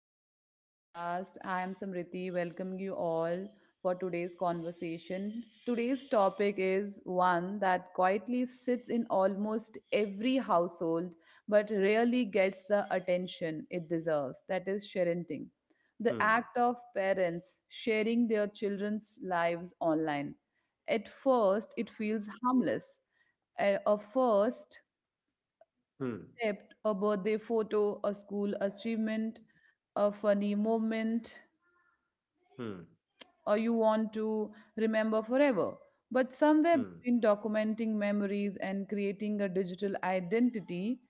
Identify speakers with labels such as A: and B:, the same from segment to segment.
A: back to the podcast. I am Samriti, welcoming you all for today's conversation. Today's topic is one that quietly sits in almost every household but rarely gets the attention it deserves, that is, sharenting. The
B: Hmm,
A: act of parents sharing their children's lives online. At first, it feels harmless, a first
B: hmm,
A: accept a birthday photo, a school achievement, a funny moment,
B: hmm,
A: or you want to remember forever. But somewhere
B: hmm,
A: between documenting memories and creating a digital identity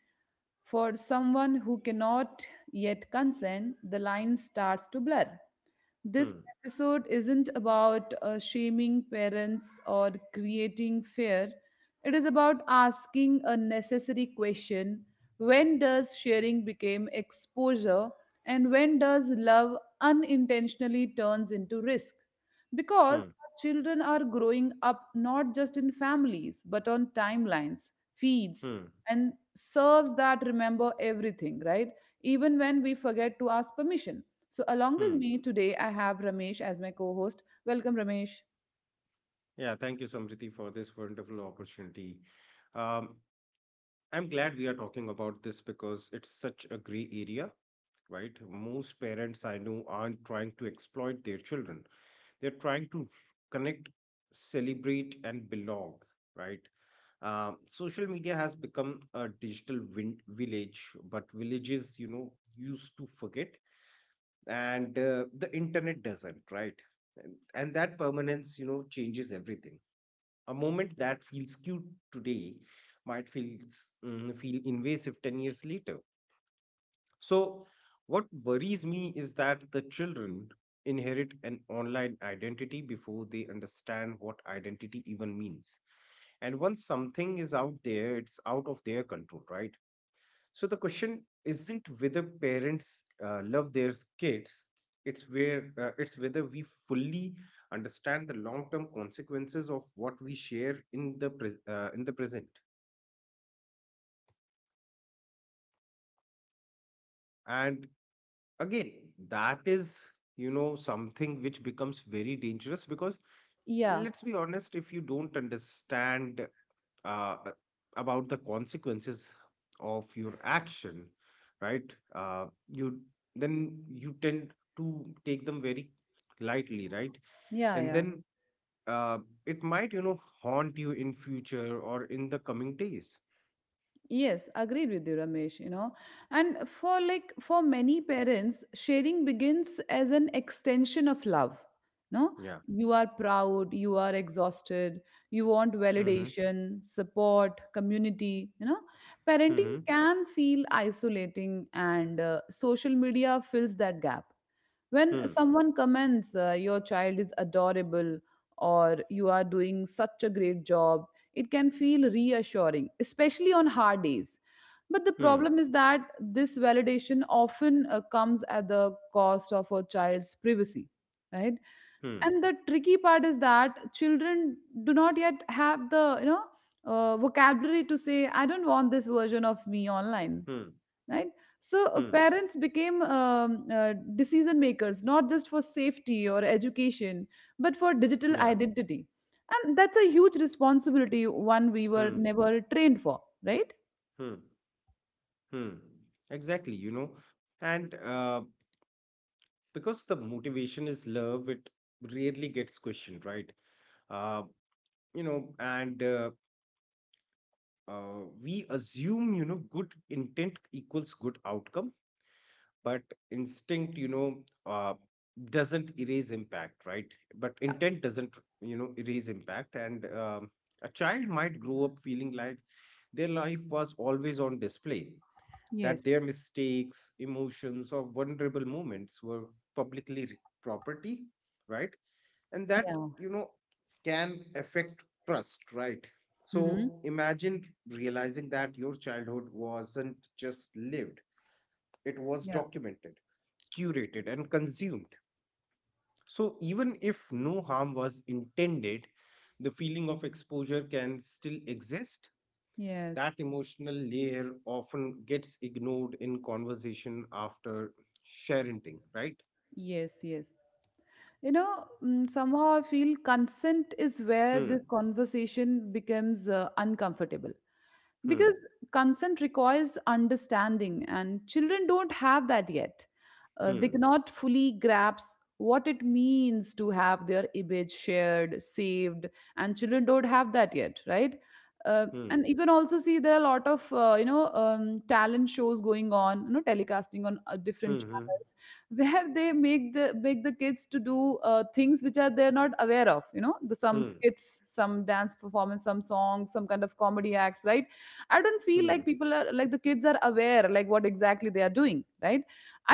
A: for someone who cannot yet consent, the line starts to blur. This
B: hmm,
A: episode isn't about shaming parents or creating fear. It is about asking a necessary question, when does sharing become exposure and when does love unintentionally turns into risk? Because
B: hmm,
A: our children are growing up not just in families but on timelines, feeds,
B: hmm,
A: and serves that remember everything, right? Even when we forget to ask permission. So, along with
B: hmm.
A: me today, I have Ramesh as my co host. Welcome, Ramesh.
B: Yeah, thank you, Samriti, for this wonderful opportunity. Um, I'm glad we are talking about this because it's such a gray area, right? Most parents I know aren't trying to exploit their children. They're trying to connect, celebrate, and belong, right? Social media has become a digital win village, but villages, you know, used to forget, and the internet doesn't, right? And that permanence, you know, changes everything. A moment that feels cute today might feel invasive 10 years later. So what worries me is that the children inherit an online identity before they understand what identity even means. And once something is out there, it's out of their control, right? So the question isn't whether parents love their kids; it's where it's whether we fully understand the long-term consequences of what we share in the present. And again, that is, you know, something which becomes very dangerous because
A: Yeah,
B: let's be honest, if you don't understand uh, about the consequences of your action, right? You Then you tend to take them very lightly, right?
A: yeah,
B: And
A: yeah.
B: then uh, it might, you know, haunt you in future or in the coming days.
A: Yes, agreed with you, Ramesh, you know. And for like for many parents, sharing begins as an extension of love. No,
B: Yeah,
A: you are proud, you are exhausted, you want
B: mm-hmm.
A: validation, support, community. You know, parenting
B: Mm-hmm.
A: can feel isolating, and social media fills that gap.
B: Hmm.
A: When someone comments, your child is adorable or you are doing such a great job, it can feel reassuring, especially on hard days. But the
B: Hmm.
A: problem is that this validation often comes at the cost of a child's privacy, right?
B: Hmm.
A: And the tricky part is that children do not yet have the vocabulary to say I don't want this version of me online,
B: Hmm.
A: right? So
B: Hmm.
A: parents became decision makers, not just for safety or education but for digital
B: Yeah.
A: identity. And that's a huge responsibility, one we were
B: Hmm.
A: never trained for, right?
B: Hmm. Hmm. Exactly. You know, and because the motivation is love, it rarely gets questioned, right? uh, you know and We assume, you know, good intent equals good outcome. But instinct, you know, uh, doesn't erase impact, right? But
A: Yeah.
B: intent doesn't, you know, erase impact. And a child might grow up feeling like their life was always on display, that
A: Yes.
B: their mistakes, emotions or vulnerable moments were property, right? And that,
A: Yeah.
B: you know, can affect trust, right?
A: Hmm.
B: So imagine realizing that your childhood wasn't just lived, it was
A: Yeah.
B: documented, curated and consumed. So even if no harm was intended, the feeling of exposure can still exist. That
A: Yes,
B: emotional layer often gets ignored in conversation after sharenting, right?
A: yes, yes. You know, mm, somehow I feel consent is where
B: Hmm,
A: this conversation becomes uncomfortable,
B: hmm,
A: because consent requires understanding, and children don't have that yet. They
B: hmm,
A: cannot fully grasp what it means to have their image shared, saved, and children don't have that yet, right?
B: hmm,
A: And you can also see there are a lot of you know, talent shows going on, you know, telecasting on different
B: hmm,
A: channels where they make the kids to do things which are they're not aware of, you know, the some
B: hmm,
A: skits, some dance performance, some songs, some kind of comedy acts, right? I don't feel
B: hmm,
A: like
B: hmm,
A: people are like the kids are aware like what exactly they are doing, right?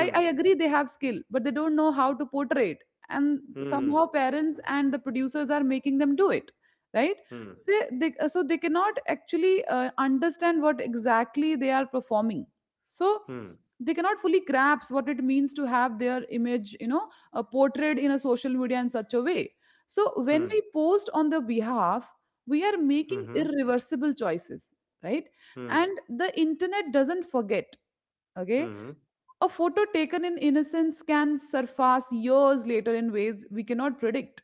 A: i i agree they have skill but they don't know how to portray it, and
B: Mhm.
A: somehow parents and the producers are making them do it, right?
B: Hmm.
A: So they cannot actually understand what exactly they are performing. So
B: Hmm.
A: they cannot fully grasp what it means to have their image, you know, portrayed in a social media in such a way. So when
B: Hmm.
A: we post on their behalf, we are making
B: Mhm.
A: irreversible choices, right?
B: Hmm.
A: And the internet doesn't forget, okay?
B: Mhm.
A: A photo taken in innocence can surface years later in ways we cannot predict.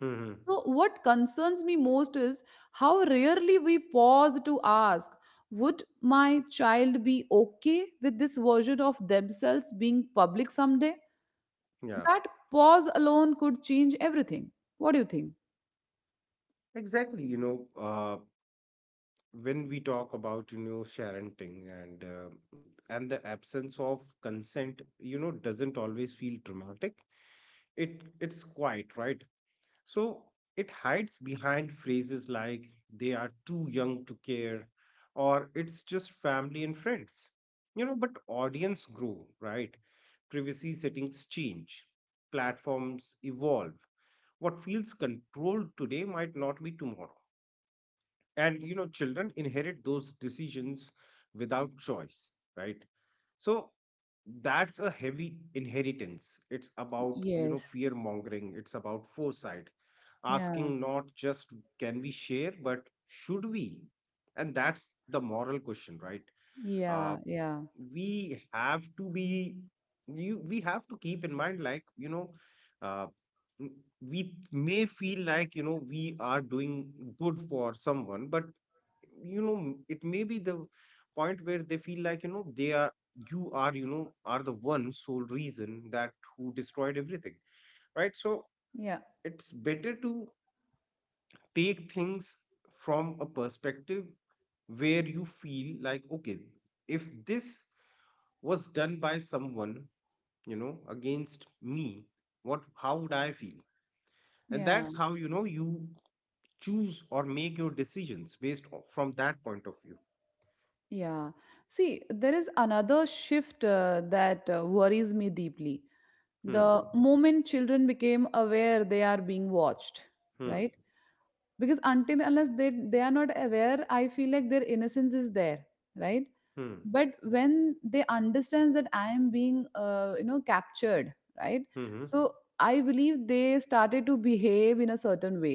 B: Mhm.
A: So, what concerns me most is how rarely we pause to ask, would my child be okay with this version of themselves being public someday?
B: Yeah,
A: That pause alone could change everything. What do you think?
B: exactly. You know, when we talk about, you know, sharenting, and the absence of consent, you know, doesn't always feel dramatic. It's quiet, right? So it hides behind phrases like they are too young to care, or it's just family and friends. You know, but audience grow, right? Privacy settings change, platforms evolve. What feels controlled today might not be tomorrow. And, you know, children inherit those decisions without choice, right? So that's a heavy inheritance. It's about, you know,
A: Yes.
B: fear mongering, it's about foresight,
A: Yeah.
B: asking not just can we share but should we. And that's the moral question, right? uh,
A: Yeah. Yeah.
B: we have to be, you we have to keep in mind, like, you know, uh, m- we may feel like, you know, we are doing good for someone, but, you know, it may be the point where they feel like, you know, they are, you are, you know, are the one sole reason that who destroyed everything, right? So
A: Yeah.
B: it's better to take things from a perspective where you feel like, okay, if this was done by someone, you know, against me, what, how would I feel? And
A: Yeah,
B: that's how, you know, you choose or make your decisions based from that point of view.
A: yeah. See, there is another shift that worries me deeply.
B: Hmm,
A: The moment children became aware they are being watched,
B: hmm,
A: right? Because until unless they are not aware, I feel like their innocence is there, right?
B: hmm.
A: But when they understands that I am being, you know, captured, right?
B: Mhm,
A: So I believe they started to behave in a certain way,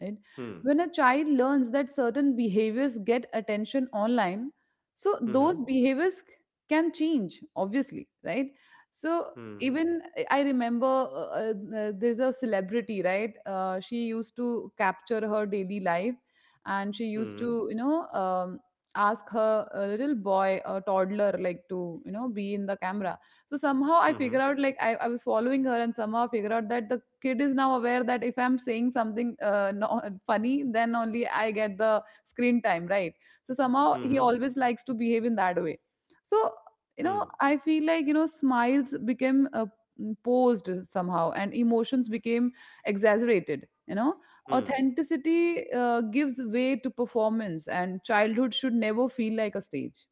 A: right?
B: hmm,
A: When a child learns that certain behaviors get attention online, so
B: mhm,
A: those behaviors can change, obviously, right? So
B: mhm,
A: even I remember there's a celebrity, right? She used to capture her daily life and she used
B: mhm,
A: to, you know, ask her a little boy, a toddler, like to, you know, be in the camera. So somehow I
B: mhm,
A: figure out, like, I was following her and somehow I figure out that the kid is now aware that if I'm saying something, no, funny, then only I get the screen time, right? So somehow
B: mhm,
A: he always likes to behave in that way. So, you
B: hmm,
A: know, I feel like, you know, smiles became, mm, posed somehow, and emotions became exaggerated, you know.
B: hmm,
A: Authenticity gives way to performance, and childhood should never feel like a stage,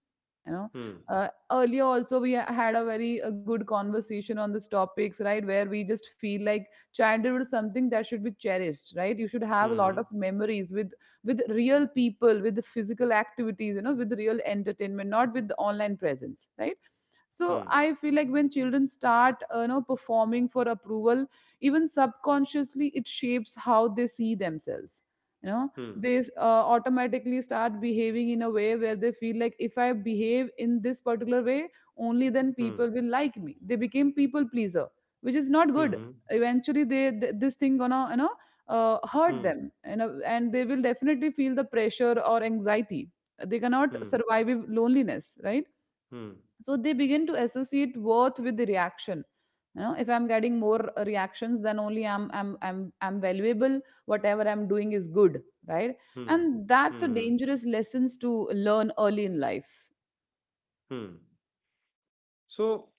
A: you know. Uh, earlier also we had a very a good conversation on these topics, right, where we just feel like childhood is something that should be cherished, right? You should
B: hmm,
A: have a
B: mhm,
A: lot of memories with real people, with the physical activities, you know, with real entertainment, not with the online presence, right? So
B: hmm,
A: I feel like when children start, you know, performing for approval, even subconsciously it shapes how they see themselves, you know. They automatically start behaving in a way where they feel like if I behave in this particular way, only then
B: hmm,
A: people will like me. They became people pleaser, which is not
B: hmm,
A: good.
B: mhm,
A: Eventually this thing gonna, you know, hurt
B: hmm,
A: them, you know, and they will definitely feel the pressure or anxiety. They cannot
B: hmm,
A: survive with loneliness, right?
B: hmm,
A: So they begin to associate worth with the reaction. You know, if I'm getting more reactions, then only I'm valuable, whatever I'm doing is good, right?
B: hmm,
A: And that's a
B: mhm,
A: dangerous lessons to learn early in life.
B: hmm. So,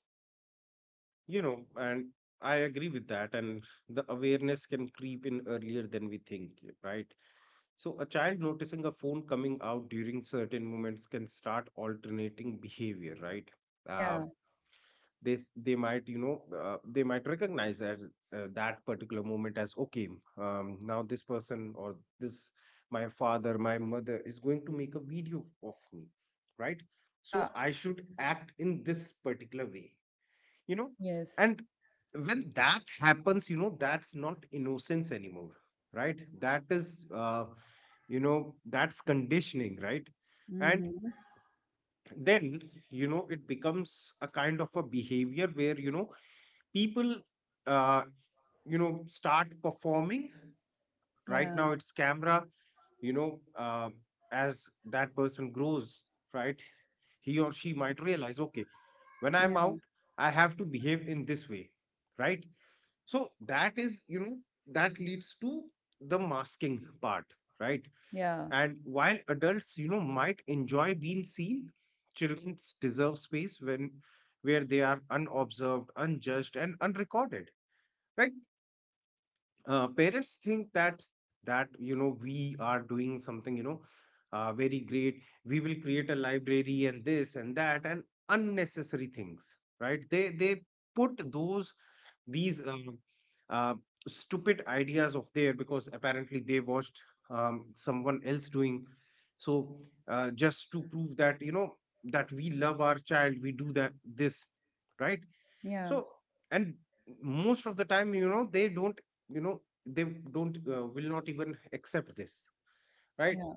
B: you know, and I agree with that, and the awareness can creep in earlier than we think, right? So, a child noticing a phone coming out during certain moments can start alternating behavior, right? Um,
A: Yeah.
B: they might, you know, they might recognize that particular moment as okay, now this person, or this, my father, my mother is going to make a video of me, right? So
A: Yeah.
B: I should act in this particular way, you know.
A: Yes.
B: And when that happens, you know, that's not innocence anymore, right? That is, you know, that's conditioning, right? And
A: Hmm.
B: then, you know, it becomes a kind of a behavior where, you know, people uh, you know, start performing. Right
A: Yeah.
B: now it's camera, you know, as that person grows, right? He or she might realize, okay, when I'm
A: Yeah.
B: out, I have to behave in this way, right? So that is, you know, that leads to the masking part, right?
A: Yeah.
B: And while adults, you know, might enjoy being seen, children deserve space when, where they are unobserved, unjudged and unrecorded, right? Parents think that you know, we are doing something, you know, very great, we will create a library and this and that and unnecessary things, right? They put those, these uh, stupid ideas of there because apparently they watched, someone else doing. So just to prove that, you know, that we love our child, we do that, this, right?
A: Yeah.
B: So, and most of the time, you know, they don't, you know, they don't will not even accept this, right?
A: Yeah.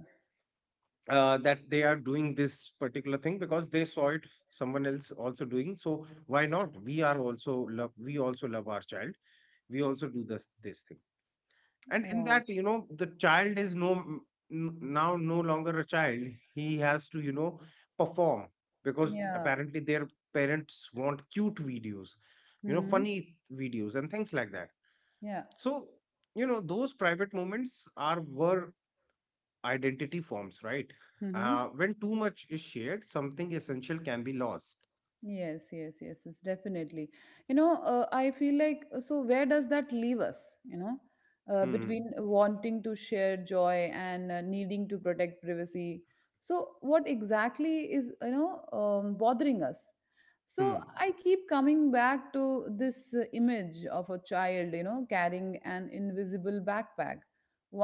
B: That they are doing this particular thing because they saw it, someone else also doing, so why not, we are also love, we also love our child, we also do this this thing. And in
A: Yeah.
B: that, you know, the child is now no longer a child, he has to, you know, perform because
A: Yeah.
B: apparently their parents want cute videos, you know,
A: Hmm.
B: funny videos and things like that.
A: Yeah.
B: So, you know, those private moments are, were identity forms, right?
A: Hmm.
B: When too much is shared, something essential can be lost.
A: Yes, yes, yes, yes, definitely. You know, I feel like, so. Where does that leave us? You know,
B: Hmm,
A: between wanting to share joy and needing to protect privacy. So, what exactly is, you know, bothering us? So,
B: hmm,
A: I keep coming back to this image of a child, you know, carrying an invisible backpack,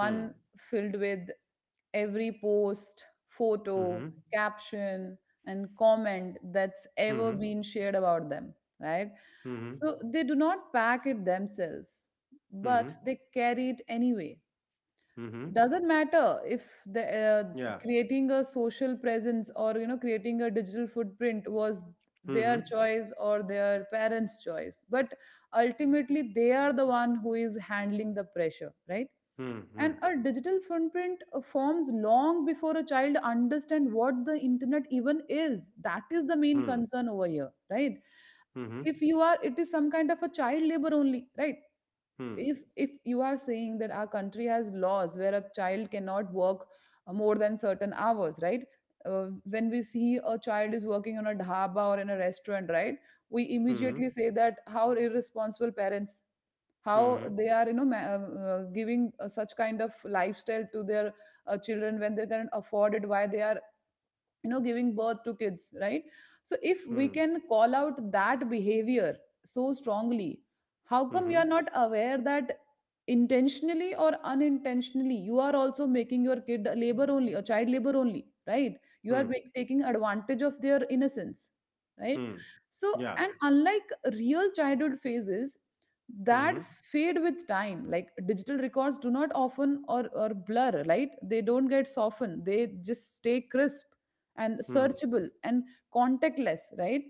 B: hmm,
A: filled with every post, photo,
B: hmm,
A: caption, and comment that's
B: hmm,
A: ever
B: hmm,
A: been shared about them, right?
B: hmm,
A: So they do not pack it themselves,
B: hmm.
A: but they carry it anyway.
B: Hmm, hmm.
A: Doesn't matter if the,
B: Yeah.
A: creating a social presence or you know creating a digital footprint was their
B: Mhm.
A: choice or their parents choice, but ultimately they are the one who is handling the pressure, right? And
B: Mhm.
A: a digital footprint forms long before a child understand what the internet even is. That is the main
B: Mhm.
A: concern over here, right? If
B: Mhm.
A: you are, it is some kind of a child labor only, right?
B: Mhm.
A: If you are saying that our country has laws where a child cannot work more than certain hours, right? Uh, when we see a child is working on a dhaba or in a restaurant, right, we
B: Mhm.
A: immediately say that how irresponsible parents, how
B: Mhm.
A: they are, you know, giving such kind of lifestyle to their children. When they can afford it, why they are, you know, giving birth to kids, right? So if we can call out that behavior so strongly, how come you are
B: Mhm.
A: not aware that intentionally or unintentionally you are also making your kid a labor only, a child labor only, right? You
B: Mhm.
A: are
B: Mhm.
A: taking advantage of their innocence, right?
B: Mhm.
A: So
B: Yeah.
A: and unlike real childhood phases that
B: Mhm.
A: fade with time, like digital records do not often or blur, right? They don't get softened, they just stay crisp and
B: Mhm.
A: searchable and contactless, right?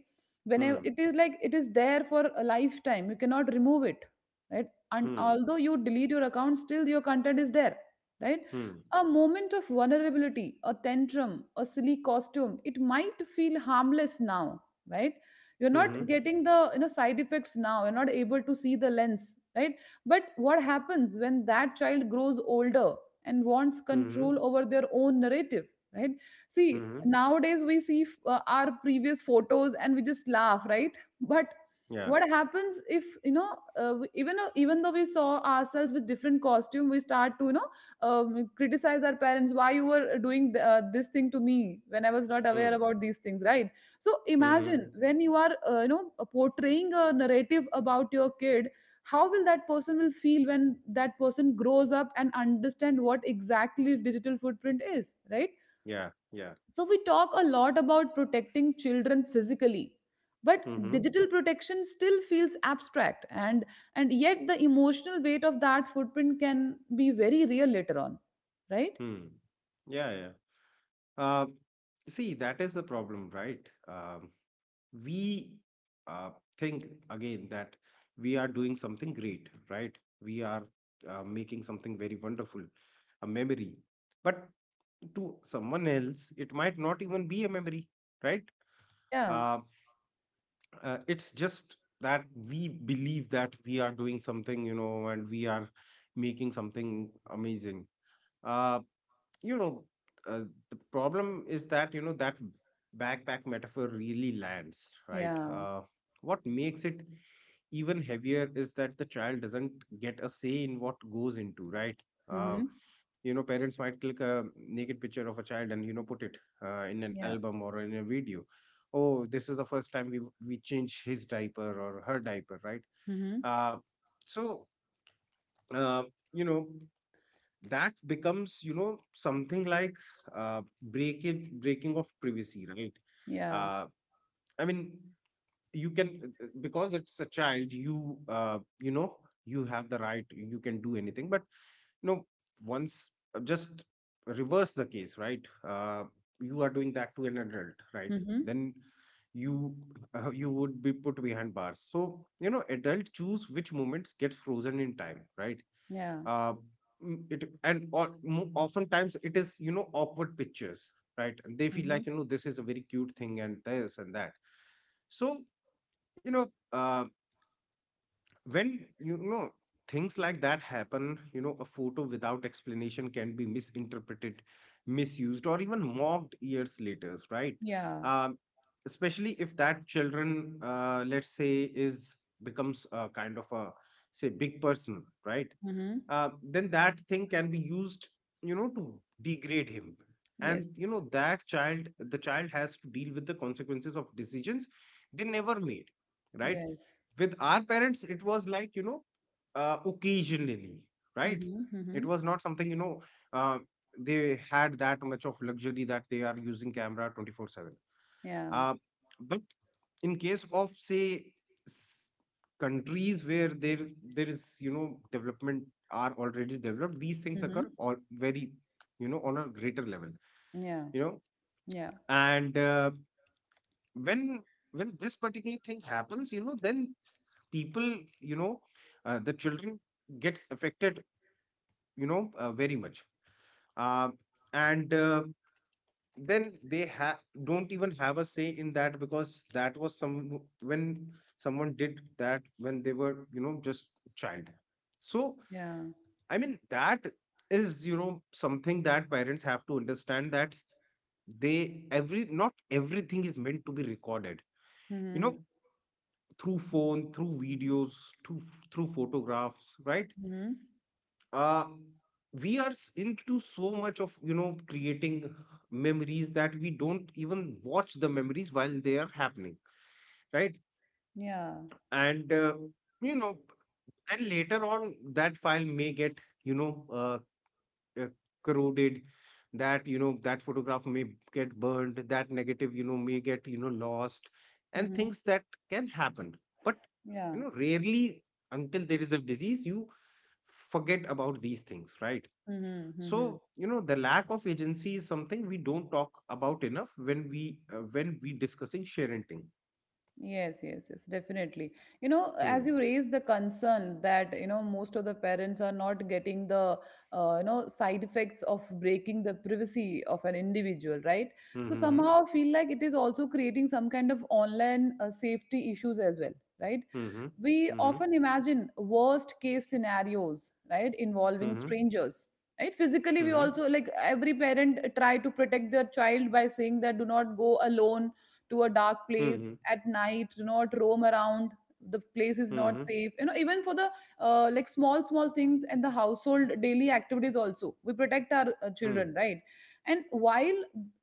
A: Whenever
B: Mhm.
A: it is, like it is there for a lifetime, you cannot remove it, right? And although you delete your account, still your content is there, right?
B: Mhm.
A: A moment of vulnerability, a tantrum, a silly costume, it might feel harmless now, right? You're not
B: Mhm. Mhm.
A: getting the, you know, side effects now, you're not able to see the lens, right? But what happens when that child grows older and wants
B: Mhm.
A: control over their own narrative, right? See,
B: Mhm.
A: nowadays we see, our previous photos and we just laugh, right? But
B: Yeah.
A: what happens if, you know, even, though we saw ourselves with different costume, we start to, you know, criticize our parents, why you were doing this thing to me when I was not aware
B: Mhm.
A: about these things, right? So
B: Mhm.
A: imagine when you are, you know, portraying a narrative about your kid, how will that person will feel when that person grows up and understand what exactly digital footprint is, right?
B: Yeah. Yeah.
A: So we talk a lot about protecting children physically, but
B: Mhm.
A: digital protection still feels abstract, and yet the emotional weight of that footprint can be very real later on, right?
B: Mhm. Yeah. Yeah. Uh, see, that is the problem, right? We uh, think again that we are doing something great, right? We are making something very wonderful, a memory. But to someone else, it might not even be a memory, right?
A: Yeah.
B: Uh, it's just that we believe that we are doing something, you know, and we are making something amazing. Uh, you know, uh, the problem is that, you know, that backpack metaphor really lands, right?
A: Yeah.
B: What makes it even heavier is that the child doesn't get a say in what goes into, right? uh,
A: Mhm.
B: you know, parents might click a naked picture of a child and, you know, put it in an
A: Yeah.
B: album or in a video. Oh, this is the first time we change his diaper or her diaper, right?
A: Mhm.
B: uh, so uh, you know, that becomes, you know, something like breaking of privacy, right?
A: Yeah.
B: uh, I mean, you can because it's a child, you know, you have the right, you can do anything, but, you know, once, just reverse the case, right? You are doing that to an adult, right?
A: Mhm.
B: Then you you would be put behind bars. So, you know, adult choose which moments get frozen in time, right?
A: Yeah.
B: uh, it and, or, oftentimes it is, you know, awkward pictures, right? And they feel
A: Mhm.
B: like, you know, this is a very cute thing and this and that. So, you know, when, you know, things like that happen, you know, a photo without explanation can be misinterpreted, misused or even mocked years later, right?
A: Yeah.
B: um, Especially if that children, let's say, is, becomes a kind of a, say, big person, right?
A: Mhm.
B: Then that thing can be used, you know, to degrade him. And,
A: Yes.
B: you know, that child, the child has to deal with the consequences of decisions they never made, right?
A: Yes.
B: With our parents it was like, you know, occasionally, right?
A: Mhm.
B: It
A: Mhm.
B: was not something, you know, uh, they had that much of luxury that they are using camera 24/7.
A: Yeah.
B: Uh, but in case of, say, s- countries where there, is, you know, development, are already developed, these things occur
A: Mhm.
B: all very, you know, on a greater level,
A: Yeah.
B: you know.
A: Yeah.
B: And when, this particular thing happens, you know, then people, you know, the children gets affected, you know, very much. Uh, and Then they don't even have a say in that, because that was, some, when someone did that when they were, you know, just child. So
A: Yeah.
B: I mean, that is, you know, something that parents have to understand, that they, every, not everything is meant to be recorded, you know,
A: Mhm.
B: through phone, through videos, through, photographs, right?
A: Mhm.
B: uh, we are into so much of, you know, creating memories that we don't even watch the memories while they are happening, right.
A: Yeah.
B: And you know, then later on that file may get uh, corroded. That you know that photograph may get burned, that negative may get lost, and
A: Mhm.
B: things that can happen. But
A: Yeah.
B: rarely, until there is a disease, you forget about these things, right?
A: Mm-hmm, mm-hmm.
B: So the lack of agency is something we don't talk about enough when we discussing sharenting.
A: Yes, yes, yes, definitely. You know,
B: Hmm.
A: as you raise the concern that, you know, most of the parents are not getting the, you know, side effects of breaking the privacy of an individual, right? So
B: Hmm. Hmm.
A: somehow I feel like it is also creating some kind of online safety issues as well, right?
B: Hmm.
A: We often imagine worst case scenarios, right, involving
B: Hmm.
A: strangers. Right, physically we
B: Hmm.
A: also, like, every parent try to protect their child by saying that do not go alone to a dark place
B: Hmm.
A: at night, do not roam around, the place is not
B: Hmm.
A: safe, you know, even for the like small small things and the household daily activities also we protect our children,
B: Hmm.
A: right? And while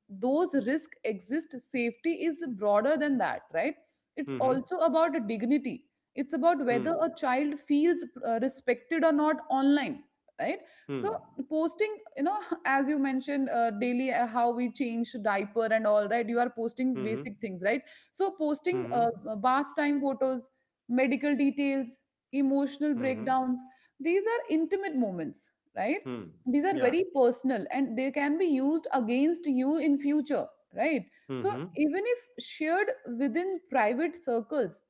A: those risks exist, safety is broader than that, right? It's
B: Hmm.
A: also about dignity. It's about whether
B: Hmm.
A: a child feels respected or not online, right? So
B: Hmm.
A: posting, you know, as you mentioned, daily, how we change diaper and all, right, you are posting
B: Hmm.
A: basic things, right? So posting
B: Hmm.
A: bath time photos, medical details, emotional
B: Hmm.
A: breakdowns, these are intimate moments, right?
B: Hmm.
A: These are
B: Yeah.
A: very personal and they can be used against you in future, right? So
B: Hmm.
A: even if shared within private circles,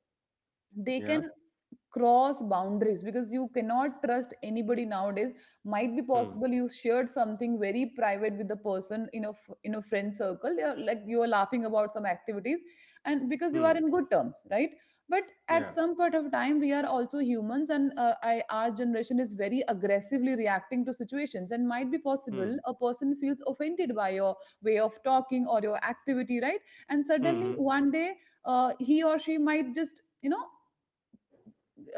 A: they
B: Yeah.
A: can cross boundaries because you cannot trust anybody nowadays. Might be
B: Hmm.
A: possible you shared something very private with the person in in a friend circle. You're, like, you are laughing about some activities and because you are
B: Hmm.
A: in good terms, right? But at
B: Yeah.
A: some point of time we are also humans and our generation is very aggressively reacting to situations and might be
B: Hmm.
A: possible a person feels offended by your way of talking or your activity, right? And suddenly
B: Hmm.
A: one day he or she might just, you know,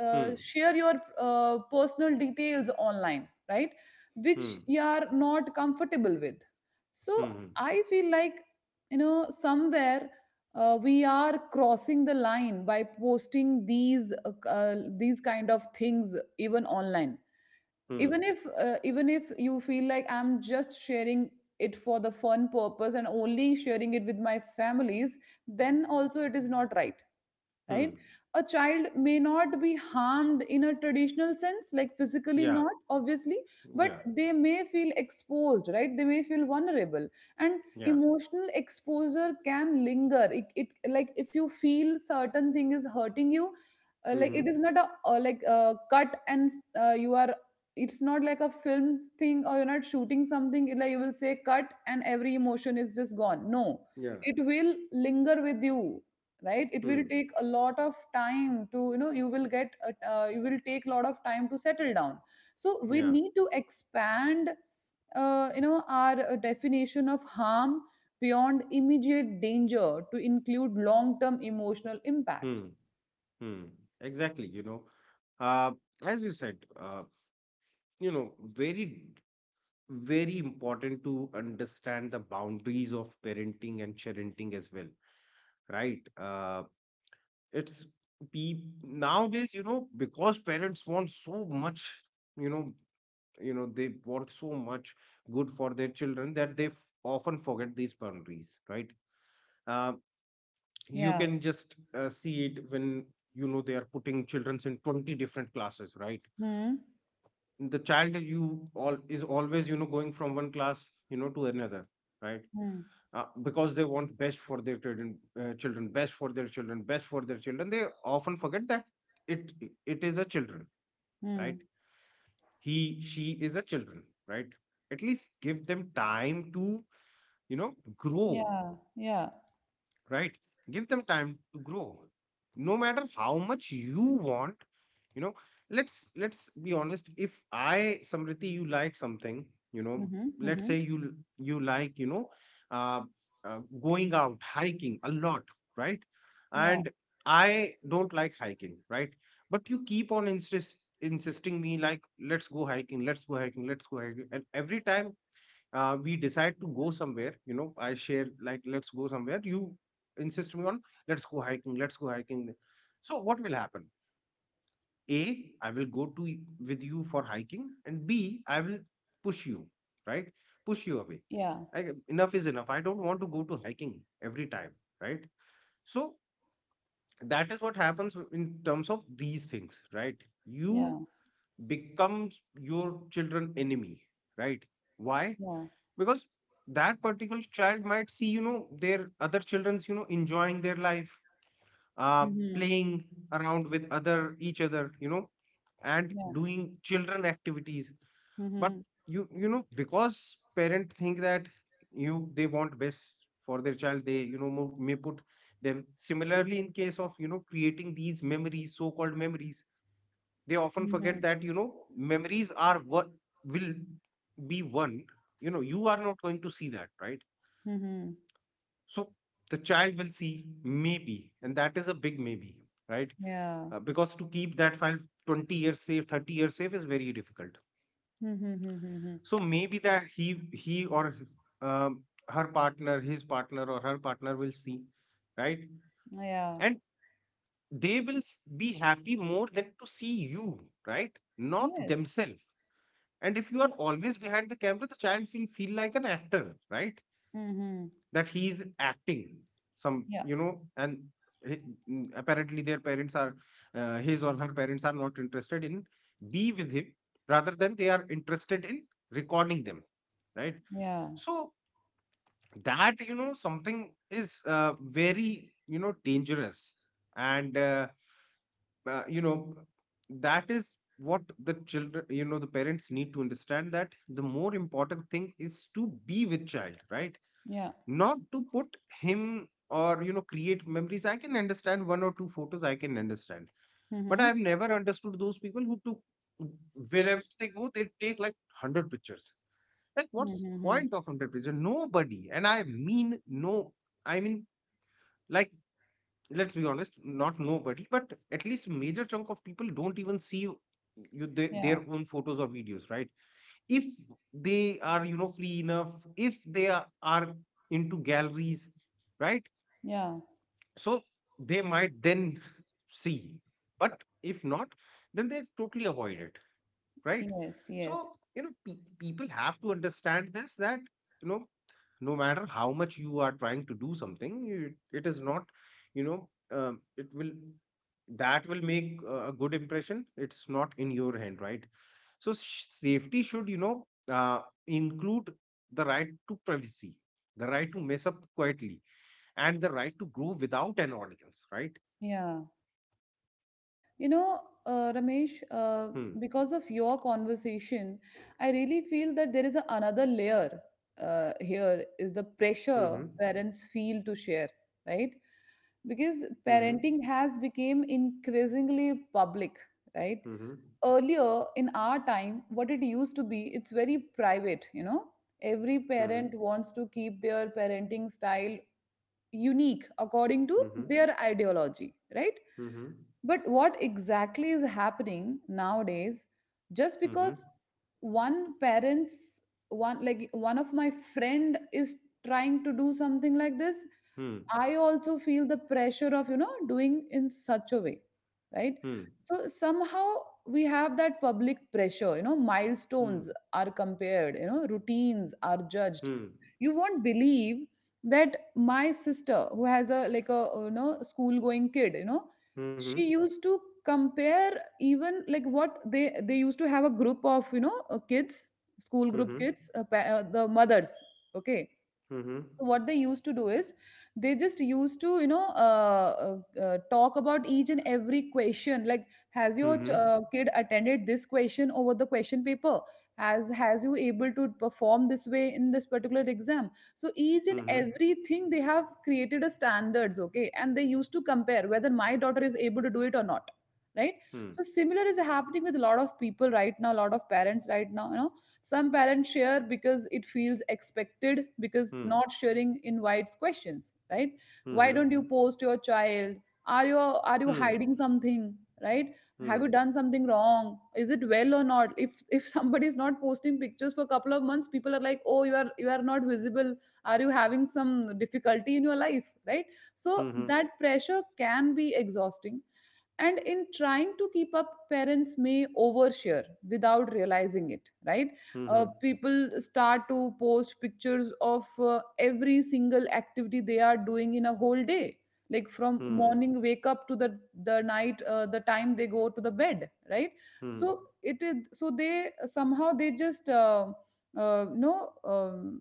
B: Hmm.
A: share your personal details online, right? Which
B: Hmm.
A: you are not comfortable with. So
B: Hmm.
A: I feel like, you know, somewhere, we are crossing the line by posting these kind of things even online.
B: Hmm.
A: Even if, even if you feel like I'm just sharing it for the fun purpose and only sharing it with my families, then also it is not right.
B: Hmm.
A: Right? A child may not be harmed in a traditional sense, like physically
B: Yeah.
A: not obviously, but
B: Yeah.
A: they may feel exposed, right? They may feel vulnerable. And
B: Yeah.
A: emotional exposure can linger. It like if you feel certain thing is hurting you, like
B: Hmm.
A: it is not a like cut and you are, it's not like a film thing or you're not shooting something, it- like you will say cut and every emotion is just gone, no,
B: Yeah.
A: it will linger with you, right? It will
B: Hmm.
A: take a lot of time to, you know, you will get you will take a lot of time to settle down. So we
B: Yeah.
A: need to expand you know our definition of harm beyond immediate danger to include long term emotional
B: Hmm.
A: impact.
B: Hmm. Exactly. Uh, as you said, very, very important to understand the boundaries of parenting and parenting as well, right? It's, pe nowadays, because parents want so much, you know, they want so much good for their children that they often forget these boundaries, right? Um you
A: Yeah.
B: can just see it when they are putting children in 20 different classes, right?
A: Hmm.
B: The child you all is always going from one class, to another, right?
A: Hmm.
B: Because they want best for their children, children, best for their children, best for their children, they often forget that, it it is a children,
A: Hmm.
B: right? He, she is a children, right? At least give them time to grow,
A: Yeah. Yeah.
B: right? Give them time to grow, no matter how much you want. You know let's let's be honest, if I, Samriti, you like something, you know
A: Hmm.
B: let's
A: Hmm.
B: say you you like, uh, uh, going out hiking a lot, right?
A: Yeah.
B: And I don't like hiking, right? But you keep on insisting me, like, let's go hiking, let's go hiking, let's go hiking. And every time we decide to go somewhere, I share, like, let's go somewhere, you insist me on let's go hiking, let's go hiking. So what will happen? A, I will go to with you for hiking, and B, I will push you, right? Push you away.
A: Yeah.
B: Like, enough is enough. I don't want to go to hiking every time, right? So that is what happens, in terms of these things, right? You
A: Yeah.
B: becomes your children enemy, right? Why?
A: Yeah.
B: Because that particular child might see, their other children's, enjoying their life, uh,
A: Hmm.
B: playing around with other each other, and
A: Yeah.
B: doing children activities. But
A: Hmm.
B: because parent think that, you they want best for their child, they may put them similarly in case of creating these memories, so called memories. They often forget
A: Hmm.
B: that, memories are what will be one. You are not going to see that, right?
A: Hmm.
B: So the child will see maybe, and that is a big maybe, right?
A: Yeah.
B: Because to keep that file 20 years safe, 30 years safe, is very difficult.
A: Hmm. Hmm. Hmm.
B: So maybe that he or, um, her partner his partner or her partner will see, right?
A: Yeah.
B: And they will be happy more than to see you, right? Not
A: Yes.
B: themselves. And if you are always behind the camera, the child will feel like an actor, right?
A: Mhm.
B: That he is acting some,
A: Yeah.
B: and he- apparently their parents are, his or her parents are not interested in be with him, rather than they are interested in recording them, right?
A: Yeah.
B: So that, something is, very, dangerous. And uh, you know that is what the children the parents need to understand, that the more important thing is to be with child, right?
A: Yeah.
B: Not to put him, or create memories. I can understand one or two photos, I can understand. But I have
A: Mhm.
B: never understood those people who took wherever they go, they take like 100 pictures. Like, what's the
A: Mhm.
B: point of 100 pictures? Nobody, and I mean no, I mean, like, let's be honest, not nobody, but at least major chunk of people don't even see, you their
A: Yeah.
B: own photos or videos, right? If they are, free enough, if they are into galleries, right?
A: Yeah.
B: So they might then see, but if not, then they totally avoid it, right?
A: Yes. Yes.
B: So, people have to understand this that, you know, no matter how much you are trying to do something, it is not, you know, um, it will, that will make a good impression. It's not in your hand, right? So, safety should, include the right to privacy, the right to mess up quietly, and the right to grow without an audience, right?
A: Yeah. You know, Ramesh,
B: Hmm.
A: because of your conversation, I really feel that there is a, another layer, here is the pressure
B: Mm-hmm.
A: parents feel to share, right? Because
B: Mm-hmm.
A: parenting has become increasingly public, right?
B: Mm-hmm.
A: Earlier in our time what it used to be, it's very private, you know, every
B: Mm-hmm.
A: parent wants to keep their parenting style unique according to
B: Mm-hmm.
A: their ideology, right? But what exactly is happening nowadays? Just
B: Mm-hmm. Mm-hmm.
A: because one parent's, one, like one of my friend is trying to do something like this,
B: Hmm.
A: I also feel the pressure of, you know, doing in such a way, right?
B: Hmm.
A: So somehow we have that public pressure. You know,
B: Hmm.
A: milestones are compared. You know, routines are judged.
B: Hmm.
A: You won't believe that my sister, who has a, like a, you know, school going kid, you know,
B: Mm-hmm.
A: she used to compare even like what they used to have a group of, you know, kids, school group
B: Mm-hmm.
A: kids, the mothers. Okay,
B: Mm-hmm.
A: so what they used to do is they just used to, you know, talk about each and every question, like has your
B: Mm-hmm.
A: kid attended this question over the question paper, has you able to perform this way in this particular exam, so each and
B: Mm-hmm.
A: everything they have created a standards, okay, and they used to compare whether my daughter is able to do it or not, right?
B: Hmm.
A: So similar is happening with a lot of people right now, a lot of parents right now, you know, some parents share because it feels expected, because
B: Hmm.
A: not sharing invites questions, right? Why don't
B: Mm-hmm.
A: you post your child? Are you
B: Hmm.
A: hiding something? Right?
B: Hmm.
A: Have you done something wrong? Is it well or not? If somebody is not posting pictures for a couple of months, people are like, oh, you are not visible. Are you having some difficulty in your life? Right? So
B: Mm-hmm.
A: that pressure can be exhausting, and in trying to keep up parents may overshare without realizing it, right?
B: Mm-hmm. Hmm. Hmm.
A: People start to post pictures of every single activity they are doing in a whole day, like from morning wake up to the night, the time they go to the bed, right?
B: Hmm.
A: So it is, so they somehow they just you know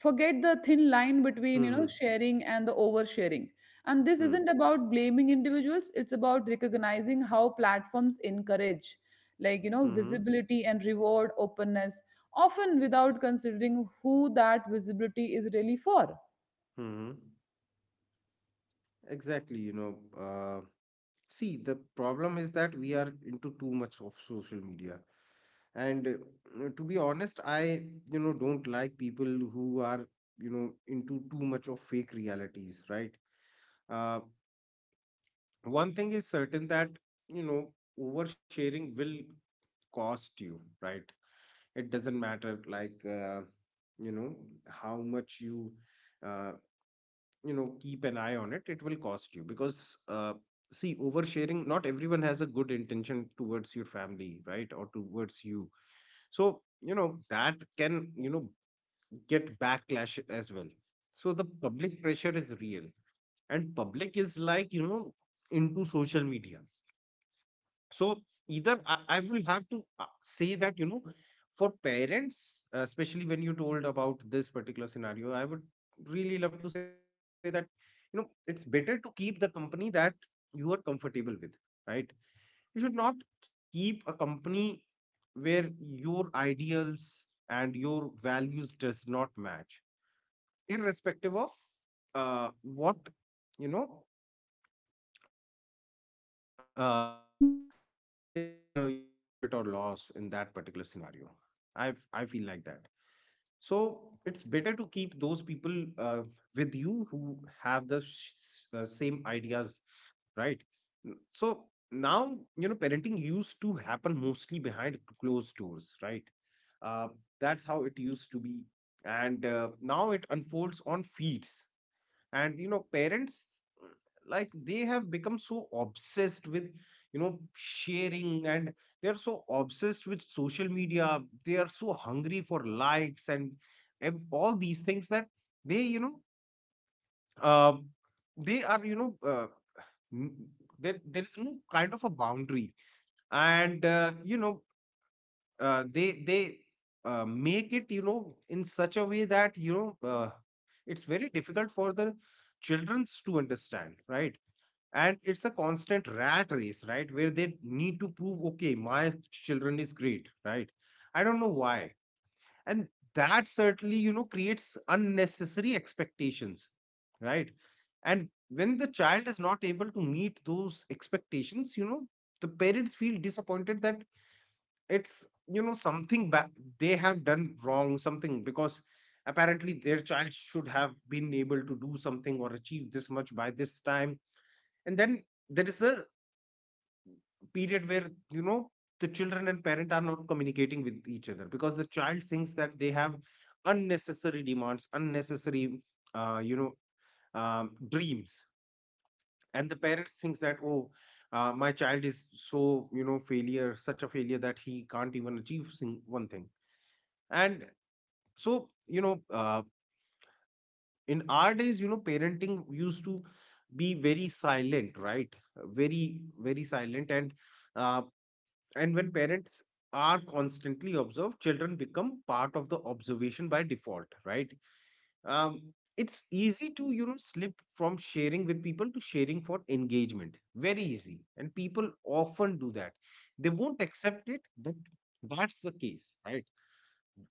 A: forget the thin line between, you know,
B: Hmm.
A: sharing and the oversharing. And this
B: Mm-hmm.
A: isn't about blaming individuals, it's about recognizing how platforms encourage, like, you know, visibility and reward openness, often without considering who that visibility is really for.
B: Mm-hmm. Exactly. See, the problem is that we are into too much of social media. And to be honest, I, don't like people who are, into too much of fake realities, right? Uh, one thing is certain that, you know, oversharing will cost you, right? It doesn't matter, like, you know, how much you uh, you know keep an eye on it will cost you, because, see, oversharing, not everyone has a good intention towards your family, right, or towards you. So that can, get backlash as well. So the public pressure is real, and public is, like, into social media. So either I will have to say that, for parents, especially when you told about this particular scenario, I would really love to say that, it's better to keep the company that you are comfortable with, right? You should not keep a company where your ideals and your values does not match, irrespective of uh, what, you know, uh, what is the, profit or loss in that particular scenario. I feel like that. So it's better to keep those people with you who have the same ideas, right? So now, parenting used to happen mostly behind closed doors, right? uh, that's how it used to be. And now it unfolds on feeds, and parents, like, they have become so obsessed with, sharing, and they are so obsessed with social media, they are so hungry for likes, and all these things that, they, uh, they are, n- there is no kind of a boundary. And they make it, in such a way that, know uh, it's very difficult for the childrens to understand, right? And it's a constant rat race, right, where they need to prove, okay, my children is great, right? I don't know why. And that certainly, creates unnecessary expectations, right? And when the child is not able to meet those expectations, the parents feel disappointed that, it's, something, they have done wrong something, because apparently their child should have been able to do something or achieve this much by this time. And then there is a period where, the children and parent are not communicating with each other, because the child thinks that they have unnecessary demands, unnecessary, uh, you know dreams. And the parents thinks that, oh, my child is so, failure, such a failure that he can't even achieve one thing. And so, in our days, parenting used to be very silent, right? Very, very silent. Uh, and when parents are constantly observed, children become part of the observation by default, right? Um, it's easy to, slip from sharing with people to sharing for engagement. Very easy. And people often do that. They won't accept it, but that's the case, right?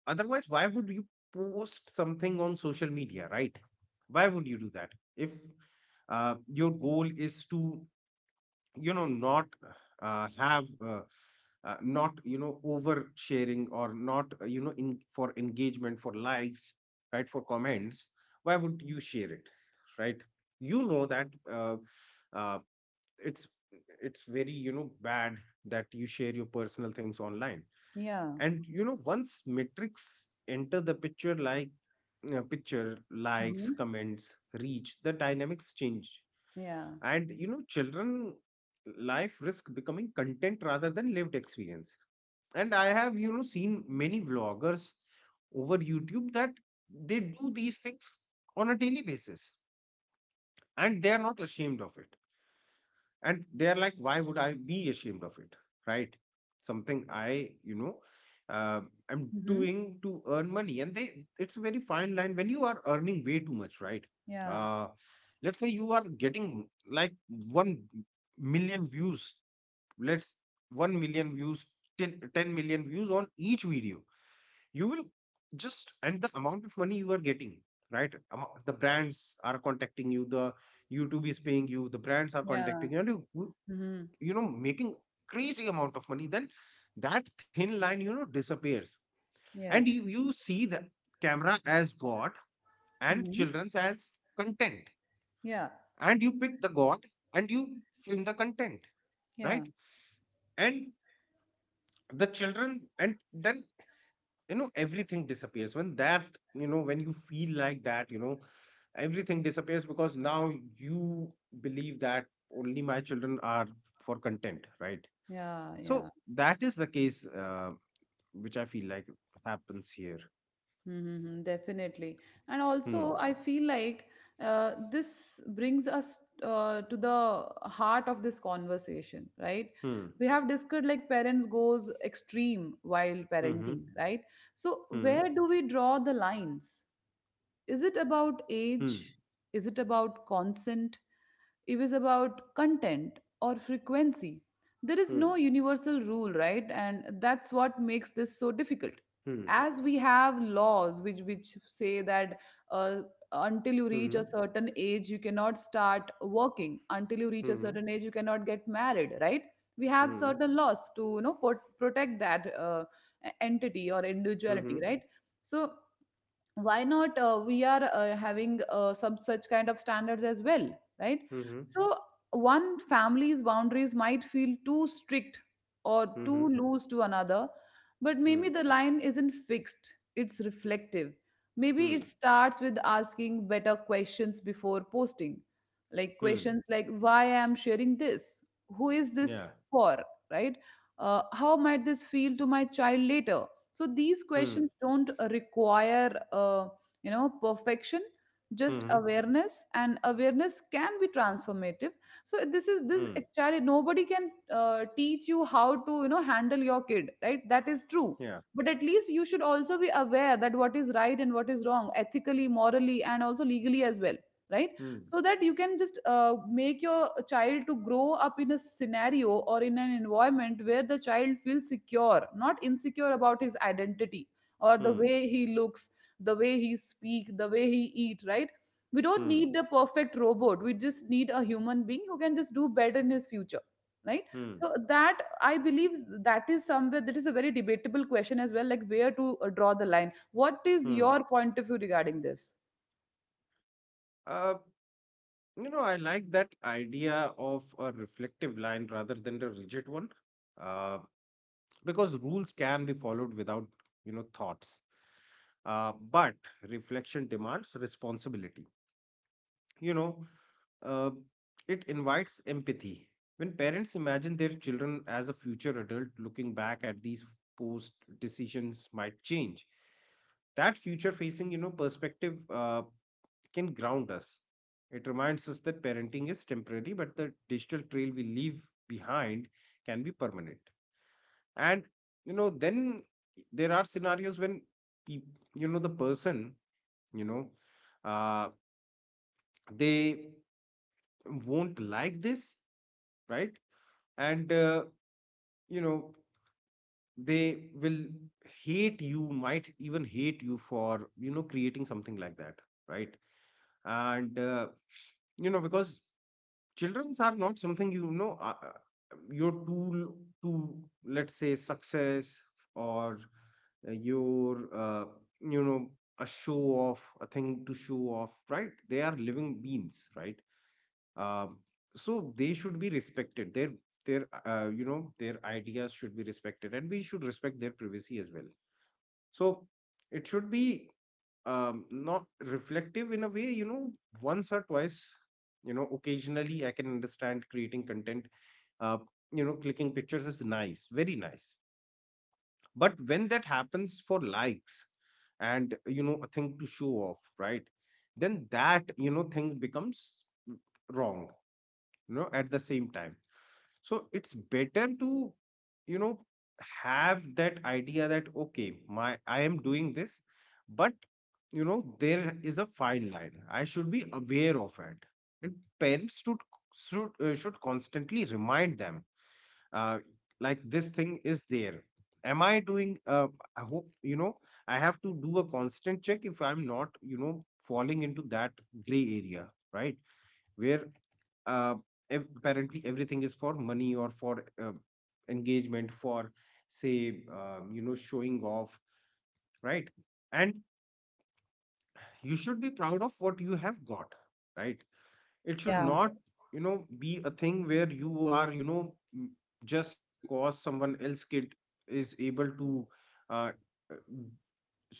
B: Otherwise, why would you post something on social media, right? Why would you do that? If your goal is to, not have, not, oversharing or not, you know, in, for engagement, for likes, right, for comments, why would you share it, right? You know that uh, it's it's very bad that you share your personal things online.
A: Yeah.
B: And you know, once metrics enter the picture, like picture likes,
A: Hmm.
B: comments, reach, the dynamics change.
A: Yeah.
B: And you know, children life risk becoming content rather than lived experience. And I have, you know, seen many vloggers over YouTube that they do these things on a daily basis, and they are not ashamed of it. And they're like, why would I be ashamed of it, right? Something I, uh, I'm
A: Mm-hmm.
B: doing to earn money and they It's a very fine line when you are earning way too much, right?
A: Yeah.
B: uh let's say you are getting like 1 million views. Let's 1 million views, 10 10 million views on each video. You will just, and the amount of money you are getting, right, the brands are contacting you, the YouTube is paying you, the brands are
A: Yeah.
B: contacting you, and
A: Mm-hmm.
B: you know, making crazy amount of money, then that thin line, you know, disappears. And you
A: Yes.
B: you see the camera as god and
A: Mm-hmm.
B: children's as content.
A: Yeah.
B: And you pick the god and you film the content,
A: Yeah.
B: right? And the children, and then, you know, everything disappears when that, you know, when you feel like that, you know, everything disappears because now you believe that only my children are for content, right?
A: Yeah.
B: So
A: Yeah.
B: that is the case, which I feel like happens here.
A: Mm-hmm, definitely. And
B: Hmm.
A: also, I feel like this brings us to the heart of this conversation, right?
B: Hmm.
A: We have discussed like parents goes extreme while
B: Hmm.
A: parenting, right? So
B: Hmm.
A: where do we draw the lines? Is it about
B: Hmm.
A: age? Is it about consent? It is about content or frequency. There is
B: Hmm.
A: no universal rule, right? And that's what makes this so difficult.
B: Hmm.
A: As we have laws which say that uh, until you reach
B: Hmm.
A: a certain age, you cannot start working. Until you reach a
B: Hmm.
A: certain age, you cannot get married, right? We have
B: Hmm.
A: certain laws to, you know, protect that entity or
B: Hmm. Hmm.
A: individuality, right? So why not we are having some such kind of standards as well, right? So one family's boundaries might feel too strict or too
B: Hmm.
A: loose to another, but
B: Hmm.
A: maybe the line isn't fixed, it's reflective. Maybe it
B: Hmm.
A: starts with asking better questions before posting, like
B: Hmm.
A: questions like why I am sharing this, who is
B: Yeah.
A: this for, right? How might this feel to my child later? So these
B: Hmm.
A: questions don't require you know perfection, just
B: Hmm.
A: awareness, and awareness can be transformative. So this is, this
B: Hmm.
A: actually nobody can teach you how to, you know, handle your kid, right, that is true.
B: Yeah.
A: But at least you should also be aware that what is right and what is wrong ethically, morally, and also legally as well, right?
B: Hmm.
A: So that you can just make your child to grow up in a scenario or in an environment where the child feels secure, not insecure, about his identity, or the
B: Hmm.
A: way he looks, the way he speak, the way he eat, right? We don't
B: Hmm.
A: need the perfect robot, we just need a human being who can just do better in his future, right?
B: Hmm.
A: So that I believe, that is somewhere, that is a very debatable question as well, like where to draw the line. What is
B: Hmm.
A: your point of view regarding this?
B: Uh, you know, I like that idea of a reflective line rather than the rigid one. Uh, because rules can be followed without, you know, thoughts. But reflection demands responsibility. You know, uh, it invites empathy. When parents imagine their children as a future adult, looking back at these post decisions might change. That future facing, you know, perspective can ground us. It reminds us that parenting is temporary, but the digital trail we leave behind can be permanent. And, you know, then there are scenarios when, peop- you know, the person you know uh, they won't like this, right? And you know, they will hate, you might even hate you for, you know, creating something like that, right? And you know, because childrens are not something, your tool to, let's say, success, or uh, your uh, you know, a show off, a thing to show off, right? They are living beings, right? Um, so they should be respected. Their you know, their ideas should be respected, and we should respect their privacy as well. So it should be, not reflective in a way. You know, once or twice. You know, occasionally I can understand creating content. Uh, you know, clicking pictures is nice, very nice. But when that happens for likes and, you know, a thing to show off, right? Then that, you know, thing becomes wrong, you know, at the same time. So it's better to, you know, have that idea that okay, my I am doing this, but you know, there is a fine line. I should be aware of it. And parents should should constantly remind them, uh, like this thing is there. Am I doing? I hope, you know, I have to do a constant check if I'm not, you know, falling into that gray area, right? Where uh, apparently everything is for money or for engagement, for, say, you know, showing off, right? And you should be proud of what you have got, right? It should
A: Yeah.
B: not, you know, be a thing where you are, you know m- just because someone else kid is able to uh, uh,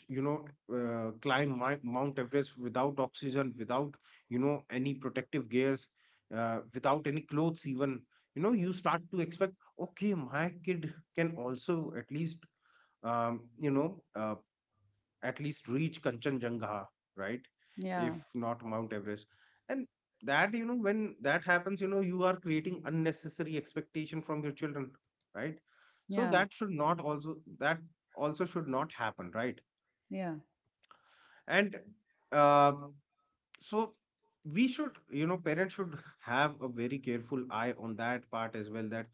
B: you know, climb mount Everest without oxygen, without, you know, any protective gears, without any clothes even, you know. You start to expect, okay, my kid can also at least, um, you know uh, at least reach Kanchenjunga, right,
A: Yeah.
B: if not mount Everest. And that, you know, when that happens, you know, you are creating unnecessary expectation from your children, right? So
A: Yeah.
B: that should not, also that also should not happen, right?
A: Yeah.
B: And um so, we should, you know, parents should have a very careful eye on that part as well, that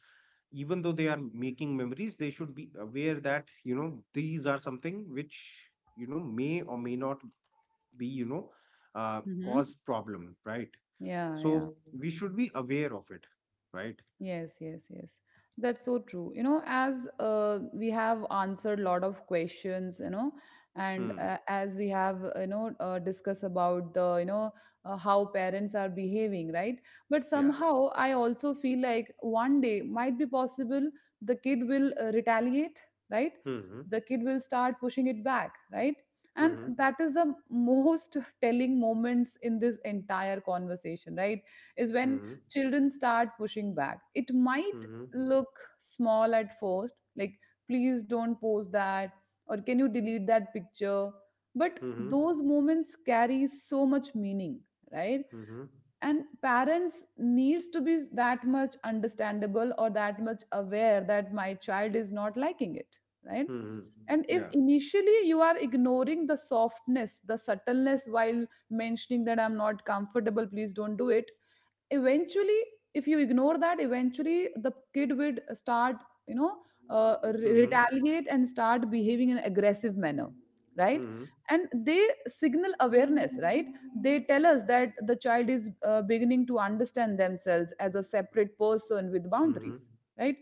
B: even though they are making memories, they should be aware that, you know, these are something which, you know, may or may not be, you know,
A: Mhm.
B: cause problem, right?
A: Yeah, yeah.
B: So we should be aware of it, right?
A: Yes, yes, yes. That's so true. You know, as we have answered a lot of questions, you know, and
B: hmm
A: as we have, you know, discussed about the, you know, how parents are behaving, right? But
B: yeah.
A: somehow I also feel like one day might be possible the kid will retaliate, right?
B: hmm
A: The kid will start pushing it back, right? And
B: hmm
A: that is the most telling moments in this entire conversation, right? Is when
B: hmm
A: children start pushing back. It might
B: hmm hmm
A: look small at first, like, please don't post that, or can you delete that picture? But
B: hmm hmm Hmm.
A: those moments carry so much meaning, right?
B: Hmm.
A: And parents needs to be that much understandable or that much aware that my child is not liking it, right?
B: Hmm. Hmm.
A: And if
B: Yeah.
A: initially you are ignoring the softness, the subtleness while mentioning that I'm not comfortable, please don't do it, eventually if you ignore that eventually the kid would start you know
B: hmm hmm
A: retaliate and start behaving in an aggressive manner, right.
B: Hmm.
A: And they signal awareness, right. They tell us that the child is beginning to understand themselves as a separate person with
B: Hmm.
A: boundaries, right.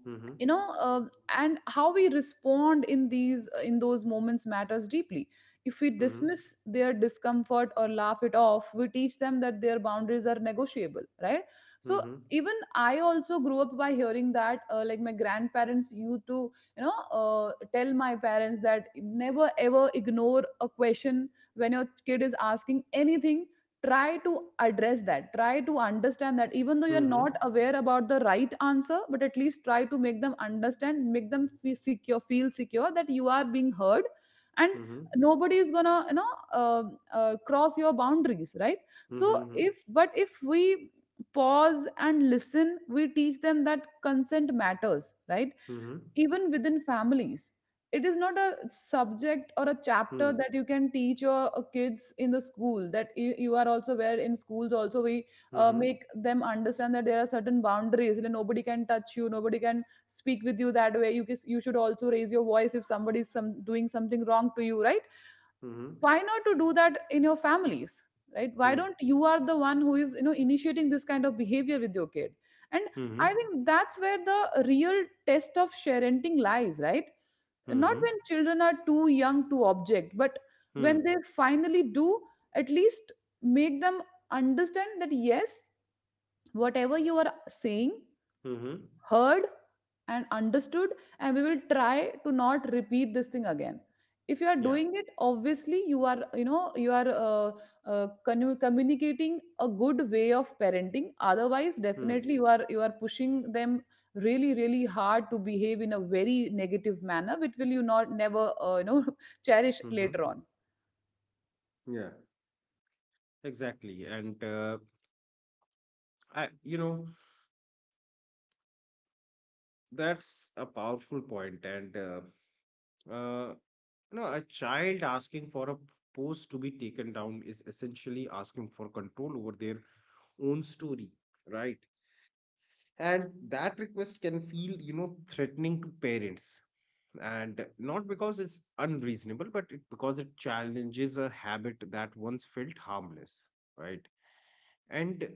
B: Mhm,
A: And how we respond in these in those moments matters deeply. If we
B: mhm,
A: dismiss their discomfort or laugh it off, we teach them that their boundaries are negotiable, right. So
B: mhm,
A: even I also grew up by hearing that, like my grandparents used to you know tell my parents that never ever ignore a question when your kid is asking anything. Try to address that, try to understand that even though you're
B: mhm,
A: not aware about the right answer, but at least try to make them understand, make them feel secure that you are being heard. And
B: mhm,
A: nobody is gonna cross your boundaries, right.
B: mhm,
A: so
B: mhm,
A: if But if we pause and listen, we teach them that consent matters, right.
B: mhm,
A: Even within families. It is not a subject or a chapter that you can teach your kids in the school, that you are also, where in schools also we
B: mhm, mhm,
A: make them understand that there are certain boundaries, that nobody can touch you, nobody can speak with you that way, you should also raise your voice if somebody is doing something wrong to you, right? Why not to do that in your families? Right? why
B: mhm,
A: don't You are the one who is initiating this kind of behavior with your kid. And
B: mhm,
A: I think that's where the real test of parenting lies, right? Not
B: mhm,
A: when children are too young to object, but when
B: mhm,
A: they finally do. At least make them understand that yes, whatever you are saying,
B: mhm.
A: heard and understood, and we will try to not repeat this thing again. If you are
B: Yeah.
A: doing it, obviously you are, you are communicating a good way of parenting. Otherwise
B: Mm,
A: definitely you are pushing them really, really hard to behave in a very negative manner, which will you not never cherish
B: mhm.
A: later on.
B: Yeah, exactly. And I, you know, that's a powerful point. And uh, you know, a child asking for a post to be taken down is essentially asking for control over their own story, right? And that request can feel, you know, threatening to parents, and not because it's unreasonable, but because it challenges a habit that once felt harmless, right? And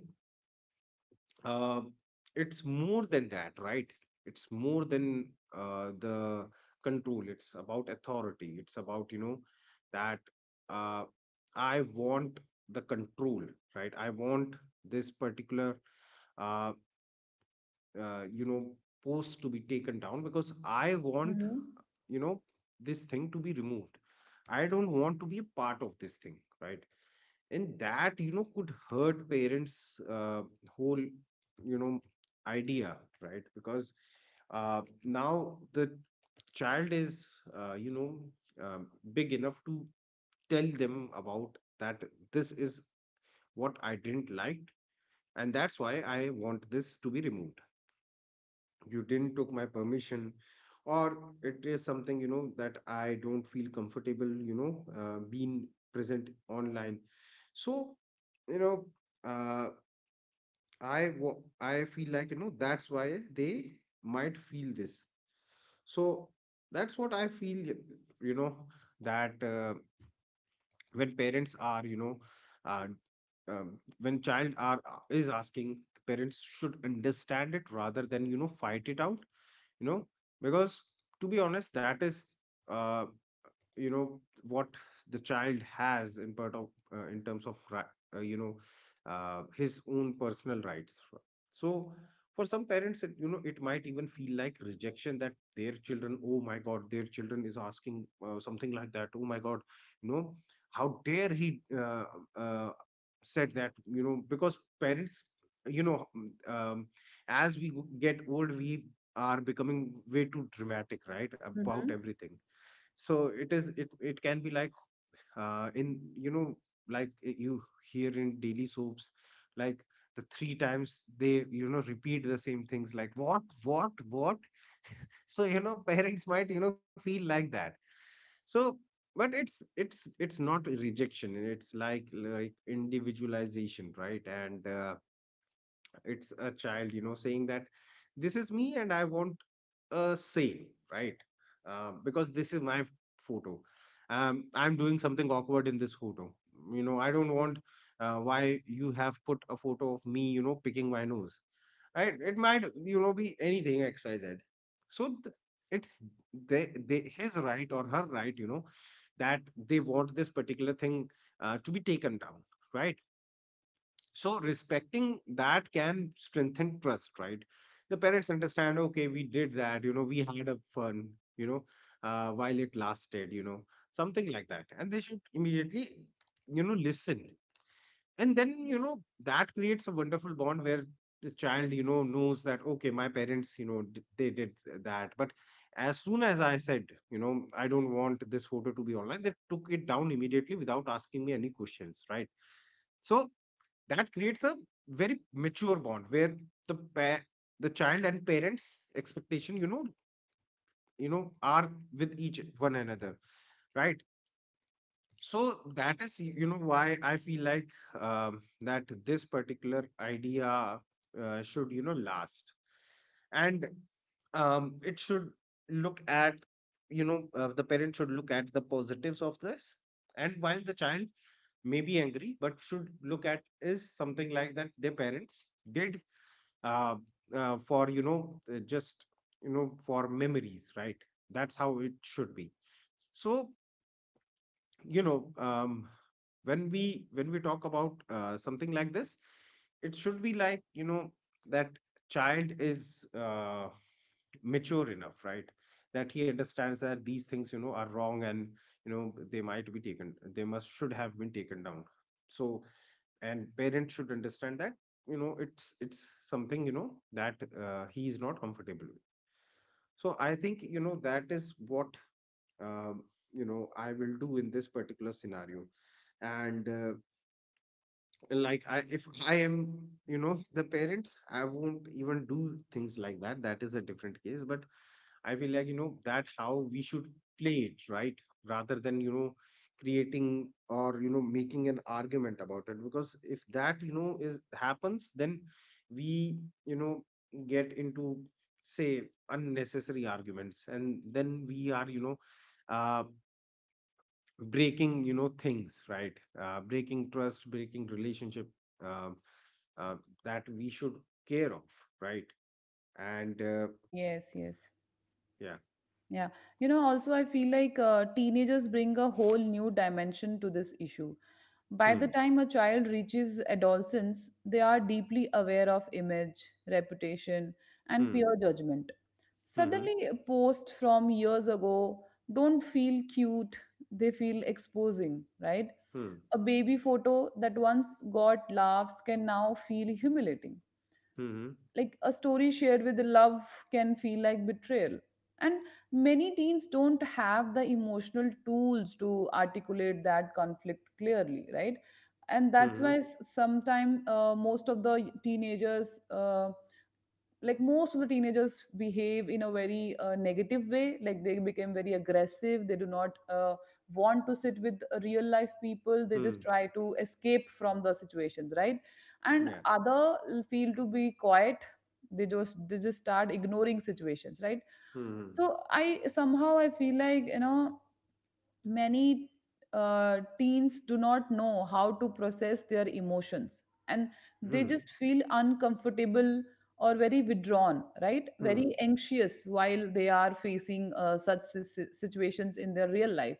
B: uh, it's more than that, right? It's more than the control. It's about authority. It's about, you know, that, uh, I want the control, right? I want this particular, uh, you know, post to be taken down because I want,
A: Hmm.
B: you know, this thing to be removed. I don't want to be a part of this thing, right? And that, you know, could hurt parents, whole, you know, idea, right? Because now the child is, uh, you know um, big enough to tell them about that, this is what I didn't like, and that's why I want this to be removed. You didn't took my permission. Or it is something, you know, that I don't feel comfortable, you know, being present online. So, you know, uh, I feel like, you know, that's why they might feel this. So that's what I feel, you know, that when parents are, you know, uh, when child are is asking, the parents should understand it rather than, you know, fight it out, you know. Because to be honest, that is, uh, you know, what the child has in part of, in terms of you know, his own personal rights. So for some parents, you know, it might even feel like rejection, that their children, oh my god, their children is asking, something like that, oh my god, you know, how dare he, uh, said that, you know. Because parents, you know, as we get old, we are becoming way too dramatic, right, about
A: Hmm.
B: everything. So it is, it can be like, in, you know, like, you hear in daily soaps, like, the three times they, you know, repeat the same things, like, what what. So, you know, parents might, you know, feel like that. So, but it's not a rejection, it's like individualization, right? And it's a child, you know, saying that this is me, and I want a sale, right? Because this is my photo. I'm doing something awkward in this photo. You know, I don't want, why you have put a photo of me, you know, picking my nose, right? It might, you know, be anything XYZ. So it's his right or her right, you know, that they want this particular thing to be taken down, right? So respecting that can strengthen trust, right? The parents understand, okay, we did that, you know, we had a fun, you know, while it lasted, you know, something like that. And they should immediately, you know, listen. And then, you know, that creates a wonderful bond where the child, you know, knows that okay, my parents, you know, they did that, but as soon as I said, you know, I don't want this photo to be online, they took it down immediately without asking me any questions, right? So that creates a very mature bond where the pa- the child and parents expectation, you know, are with each one another, right? So that is, you know, why I feel like that this particular idea should, you know, last. And it should look at, you know, the parent should look at the positives of this. And while the child may be angry, but should look at is something like that their parents did uh, for, you know, just, you know, for memories, right? That's how it should be. So you know um, when we talk about something like this, it should be like that child is mature enough, right? That he understands that these things are wrong, and they might be taken, they must should have been taken down. So and parents should understand that it's something that he is not comfortable with. So I think that is what um, I will do in this particular scenario. And like I if I am the parent, I won't even do things like that. That is a different case. But I feel like that how we should play it, right? Rather than creating or making an argument about it, because if that is happens, then we you know get into say unnecessary arguments, and then we are uh, breaking things, right? Breaking trust, breaking relationship. um, uh, that we should care of, right? And
A: Yes, yes.
B: yeah.
A: Yeah, also I feel like teenagers bring a whole new dimension to this issue. By
B: Hmm.
A: the time a child reaches adolescence, they are deeply aware of image, reputation, and
B: Hmm.
A: peer judgment.
B: Hmm.
A: Suddenly, posts from years ago don't feel cute, they feel exposing, right?
B: Hmm.
A: A baby photo that once got laughs can now feel humiliating,
B: Hmm.
A: like a story shared with love can feel like betrayal. And many teens don't have the emotional tools to articulate that conflict clearly, right. And
B: Hmm.
A: that's
B: Hmm. Hmm.
A: why sometimes, most of the teenagers like most of the teenagers behave in a very negative way. Like they became very aggressive, they do not want to sit with real life people, they
B: Hmm.
A: just try to escape from the situations, right. And
B: Yeah.
A: other feel to be quiet, they just start ignoring situations, right.
B: Hmm.
A: So I somehow I feel like many teens do not know how to process their emotions, and they
B: Hmm.
A: just feel uncomfortable or very withdrawn, right?
B: Hmm.
A: Very anxious while they are facing such situations in their real life.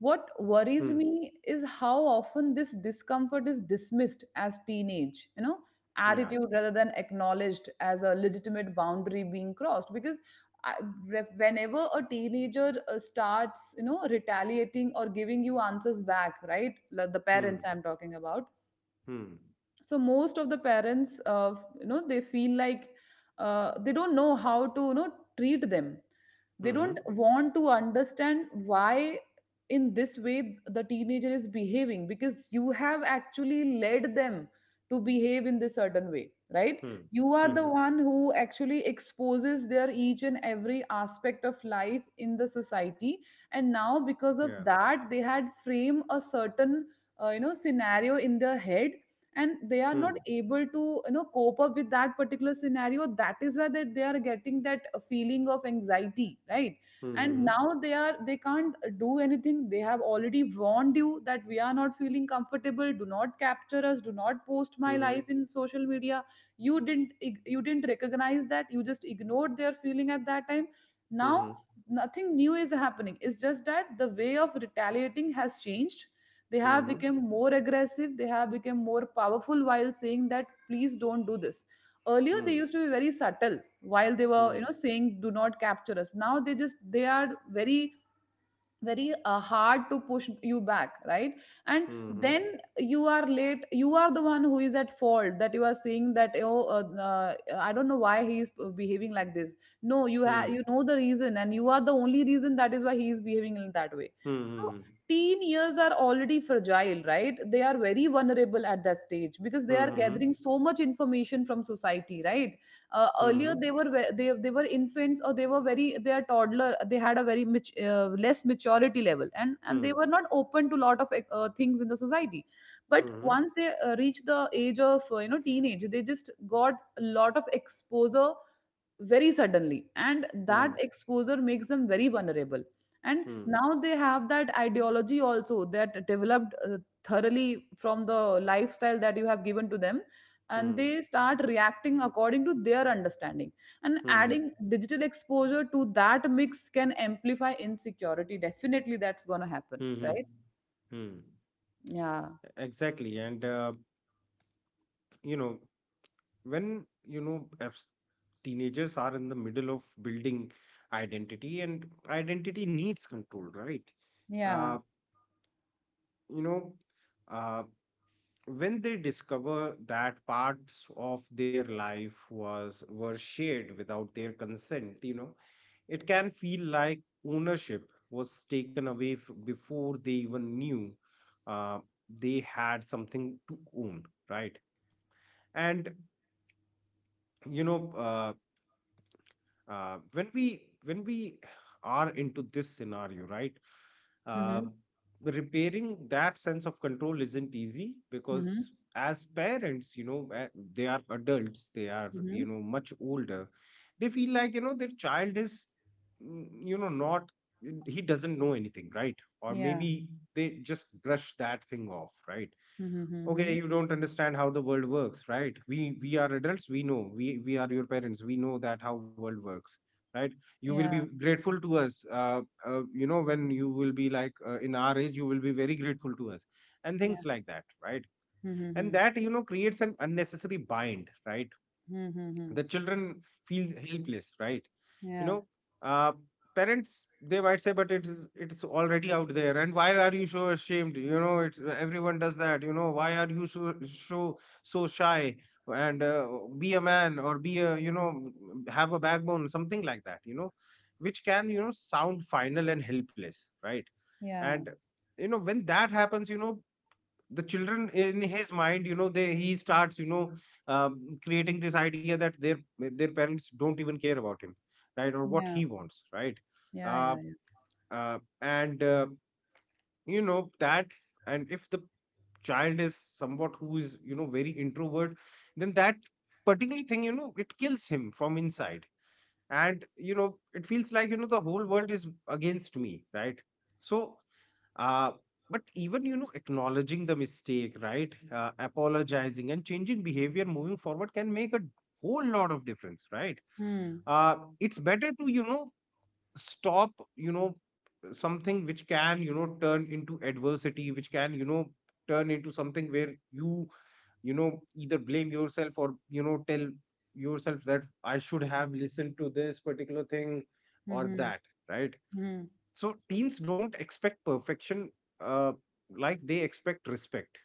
A: What
B: Hmm.
A: worries
B: Hmm.
A: me is how often this discomfort is dismissed as teenage,
B: Yeah.
A: attitude, rather than acknowledged as a legitimate boundary being crossed. Because I- whenever a teenager starts retaliating or giving you answers back, right? Like the parents
B: Hmm.
A: I'm talking about.
B: Hmm.
A: So most of the parents, they feel like they don't know how to treat them.
B: Hmm.
A: They
B: Hmm.
A: don't want to understand why in this way the teenager is behaving, because you have actually led them to behave in this certain way, right.
B: Hmm.
A: You
B: Hmm.
A: are the
B: Hmm.
A: one who actually exposes their each and every aspect of life in the society. And now
B: Yeah.
A: because of that, they had frame a certain scenario in their head, and they are
B: Hmm.
A: not able to cope up with that particular scenario. That is where they are getting that feeling of anxiety, right. And
B: Hmm.
A: now they can't do anything. They have already warned you that we are not feeling comfortable, do not capture us, do not post my
B: Hmm.
A: life
B: Hmm.
A: in social media. You didn't recognize that, you just ignored their feeling at that time.
B: Hmm.
A: Now
B: Hmm. Hmm.
A: nothing new is happening, it's just that the way of retaliating has changed. They
B: Hmm. Hmm. Hmm. Hmm.
A: have
B: Hmm. Hmm.
A: become more aggressive, they have become more powerful while saying that please don't do this. Earlier they used to be very subtle while they were
B: Hmm.
A: saying do not capture us, now they are very, very hard to push you back, right? And
B: Hmm.
A: then you are late. You are the one who is at fault, that you are seeing that, oh, I don't know why he is behaving like this. No, you have
B: Hmm.
A: the reason, and you are the only reason that is why he is behaving in that way.
B: Hmm.
A: So
B: Hmm.
A: teen years are already fragile, right? They are very vulnerable at that stage, because they are
B: Mhm.
A: gathering so much information from society, right. Earlier
B: Mhm.
A: they were infants, or they were very they are toddler, they had a very less maturity level, and they
B: Mhm.
A: were not open to lot of things in the society. But
B: Mhm.
A: once they reach the age of teenage, they just got a lot of exposure very suddenly, and that
B: Mhm.
A: exposure makes them very vulnerable. And
B: Mhm.
A: now they have that ideology also that developed thoroughly from the lifestyle that you have given to them, and
B: Mhm.
A: they start reacting according to their understanding. And
B: Mhm.
A: adding digital exposure to that mix can amplify insecurity, definitely that's going to happen,
B: Mhm.
A: right.
B: Mhm.
A: Yeah,
B: Exactly. And, you know, when, teenagers are in the middle of building identity, and identity needs control, right?
A: yeah.
B: Uh, you know, uh, when they discover that parts of their life was were shared without their consent, it can feel like ownership was taken away before they even knew uh, they had something to own, right? And you know, uh, when we are into this scenario, right? uh,
A: Mm-hmm.
B: Repairing that sense of control isn't easy, because
A: Mm-hmm.
B: as parents they are adults, they are
A: Mm-hmm.
B: much older. They feel like their child is not, he doesn't know anything, right? Or
A: Yeah.
B: maybe they just brush that thing off, right?
A: Mm-hmm.
B: Okay,
A: Mm-hmm.
B: you don't understand how the world works, right? We are adults, we know we are your parents, we know that how world works, right? You will
A: Yeah,
B: be grateful to us, when you will be like in our age, you will be very grateful to us, and
A: yeah.
B: things like that, right?
A: Mm-hmm.
B: And
A: Mm-hmm.
B: that creates an unnecessary bind, right?
A: Mm-hmm.
B: The children feels helpless, right? you
A: Yeah.
B: know uh, Parents, they might say, but it's already out there, and why are you so ashamed? It's everyone does that. Why are you so so so shy? And be a man or be a have a backbone, something like that, which can sound final and helpless, right? And
A: Yeah,
B: when that happens, the children in his mind, they he starts creating this idea that their parents don't even care about him, right? Or what
A: yeah,
B: he wants, right?
A: yeah,
B: uh,
A: yeah, yeah.
B: uh, and uh, you know that and if the child is somewhat who is very introvert, then that particular thing, it kills him from inside. And it feels like the whole world is against me, right? So uh, but even acknowledging the mistake, right? Apologizing and changing behavior moving forward can make a whole lot of difference, right?
A: Mm,
B: It's better to stop something which can turn into adversity, which can turn into something where you know either blame yourself or tell yourself that I should have listened to this particular thing, or
A: mm-hmm,
B: that, right?
A: mm-hmm.
B: So teens don't expect perfection, uh, like they expect respect.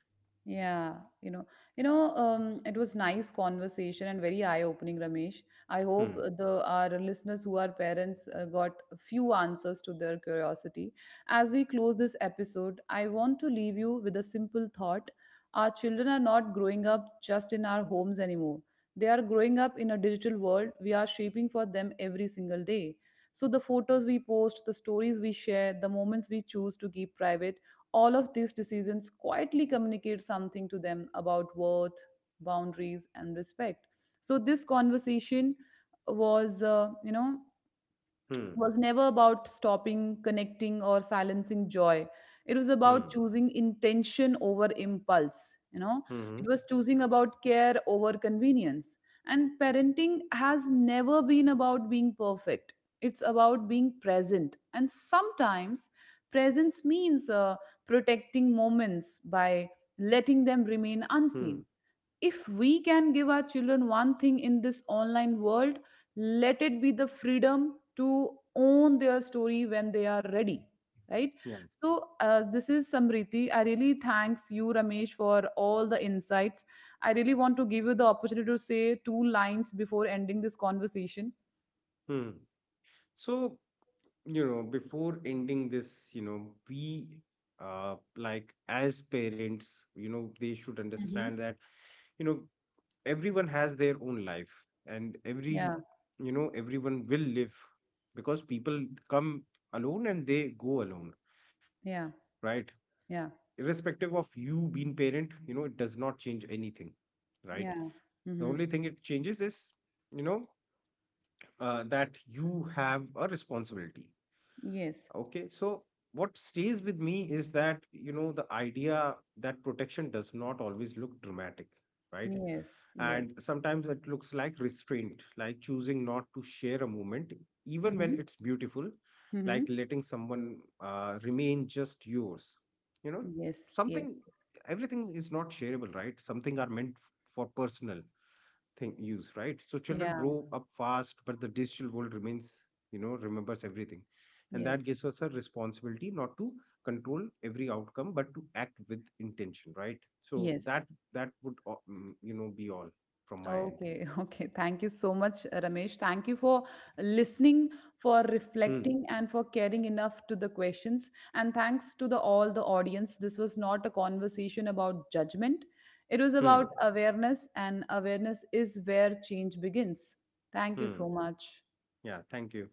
A: Yeah, you know, it was nice conversation and very eye-opening, Ramesh. I hope
B: Hmm.
A: the our listeners who are parents got a few answers to their curiosity. As we close this episode, I want to leave you with a simple thought. Our children are not growing up just in our homes anymore. They are growing up in a digital world we are shaping for them every single day. So the photos we post, the stories we share, the moments we choose to keep private, all of these decisions quietly communicate something to them about worth, boundaries, and respect. So this conversation was, uh, you know,
B: Hmm.
A: was never about stopping, connecting, or silencing joy. It was
B: Hmm.
A: about choosing intention over impulse. You know,
B: Hmm. Hmm.
A: it was choosing about care over convenience. And parenting has never been about being perfect, it's about being present. And sometimes presence means protecting moments by letting them remain
B: Hmm.
A: unseen. If we can give our children one thing in this online world, let it be the freedom to own their story when they are ready, right.
B: Yeah.
A: So this is Samriti, I really thanks you Ramesh for all the insights. I really want to give you the opportunity to say two lines before ending this conversation.
B: Hmm. So, before ending this, we like as parents, they should understand
A: Hmm.
B: that, you know, everyone has their own life, and
A: Yeah,
B: everyone will live, because people come alone and they go alone,
A: yeah,
B: right?
A: yeah,
B: Irrespective of you being parent, it does not change anything, right?
A: yeah.
B: The only
A: Mm-hmm.
B: thing it changes is, you know that you have a responsibility.
A: Yes,
B: Okay, so what stays with me is that the idea that protection does not always look dramatic, right?
A: yes, yes.
B: And sometimes it looks like restraint, like choosing not to share a moment, even when
A: Mm-hmm.
B: it's beautiful,
A: Mm-hmm.
B: like letting someone remain just yours, you know
A: Yes, yes.
B: something. Everything is not shareable, right? Something are meant for personal thing use, right? So children
A: Yeah.
B: grow up fast, but the digital world remains, remembers everything. And that
A: Yes,
B: gives us a responsibility not to control every outcome, but to act with intention, right? So
A: yes.
B: that would be all from my end.
A: Okay, okay. Thank you so much, Ramesh. Thank you for listening, for
B: Hmm.
A: reflecting, and for caring enough to the questions. And thanks to the all the audience. This was not a conversation about judgment. It was
B: Hmm.
A: about awareness, and awareness is where change begins. Thank you
B: Hmm.
A: so much.
B: Yeah, thank you.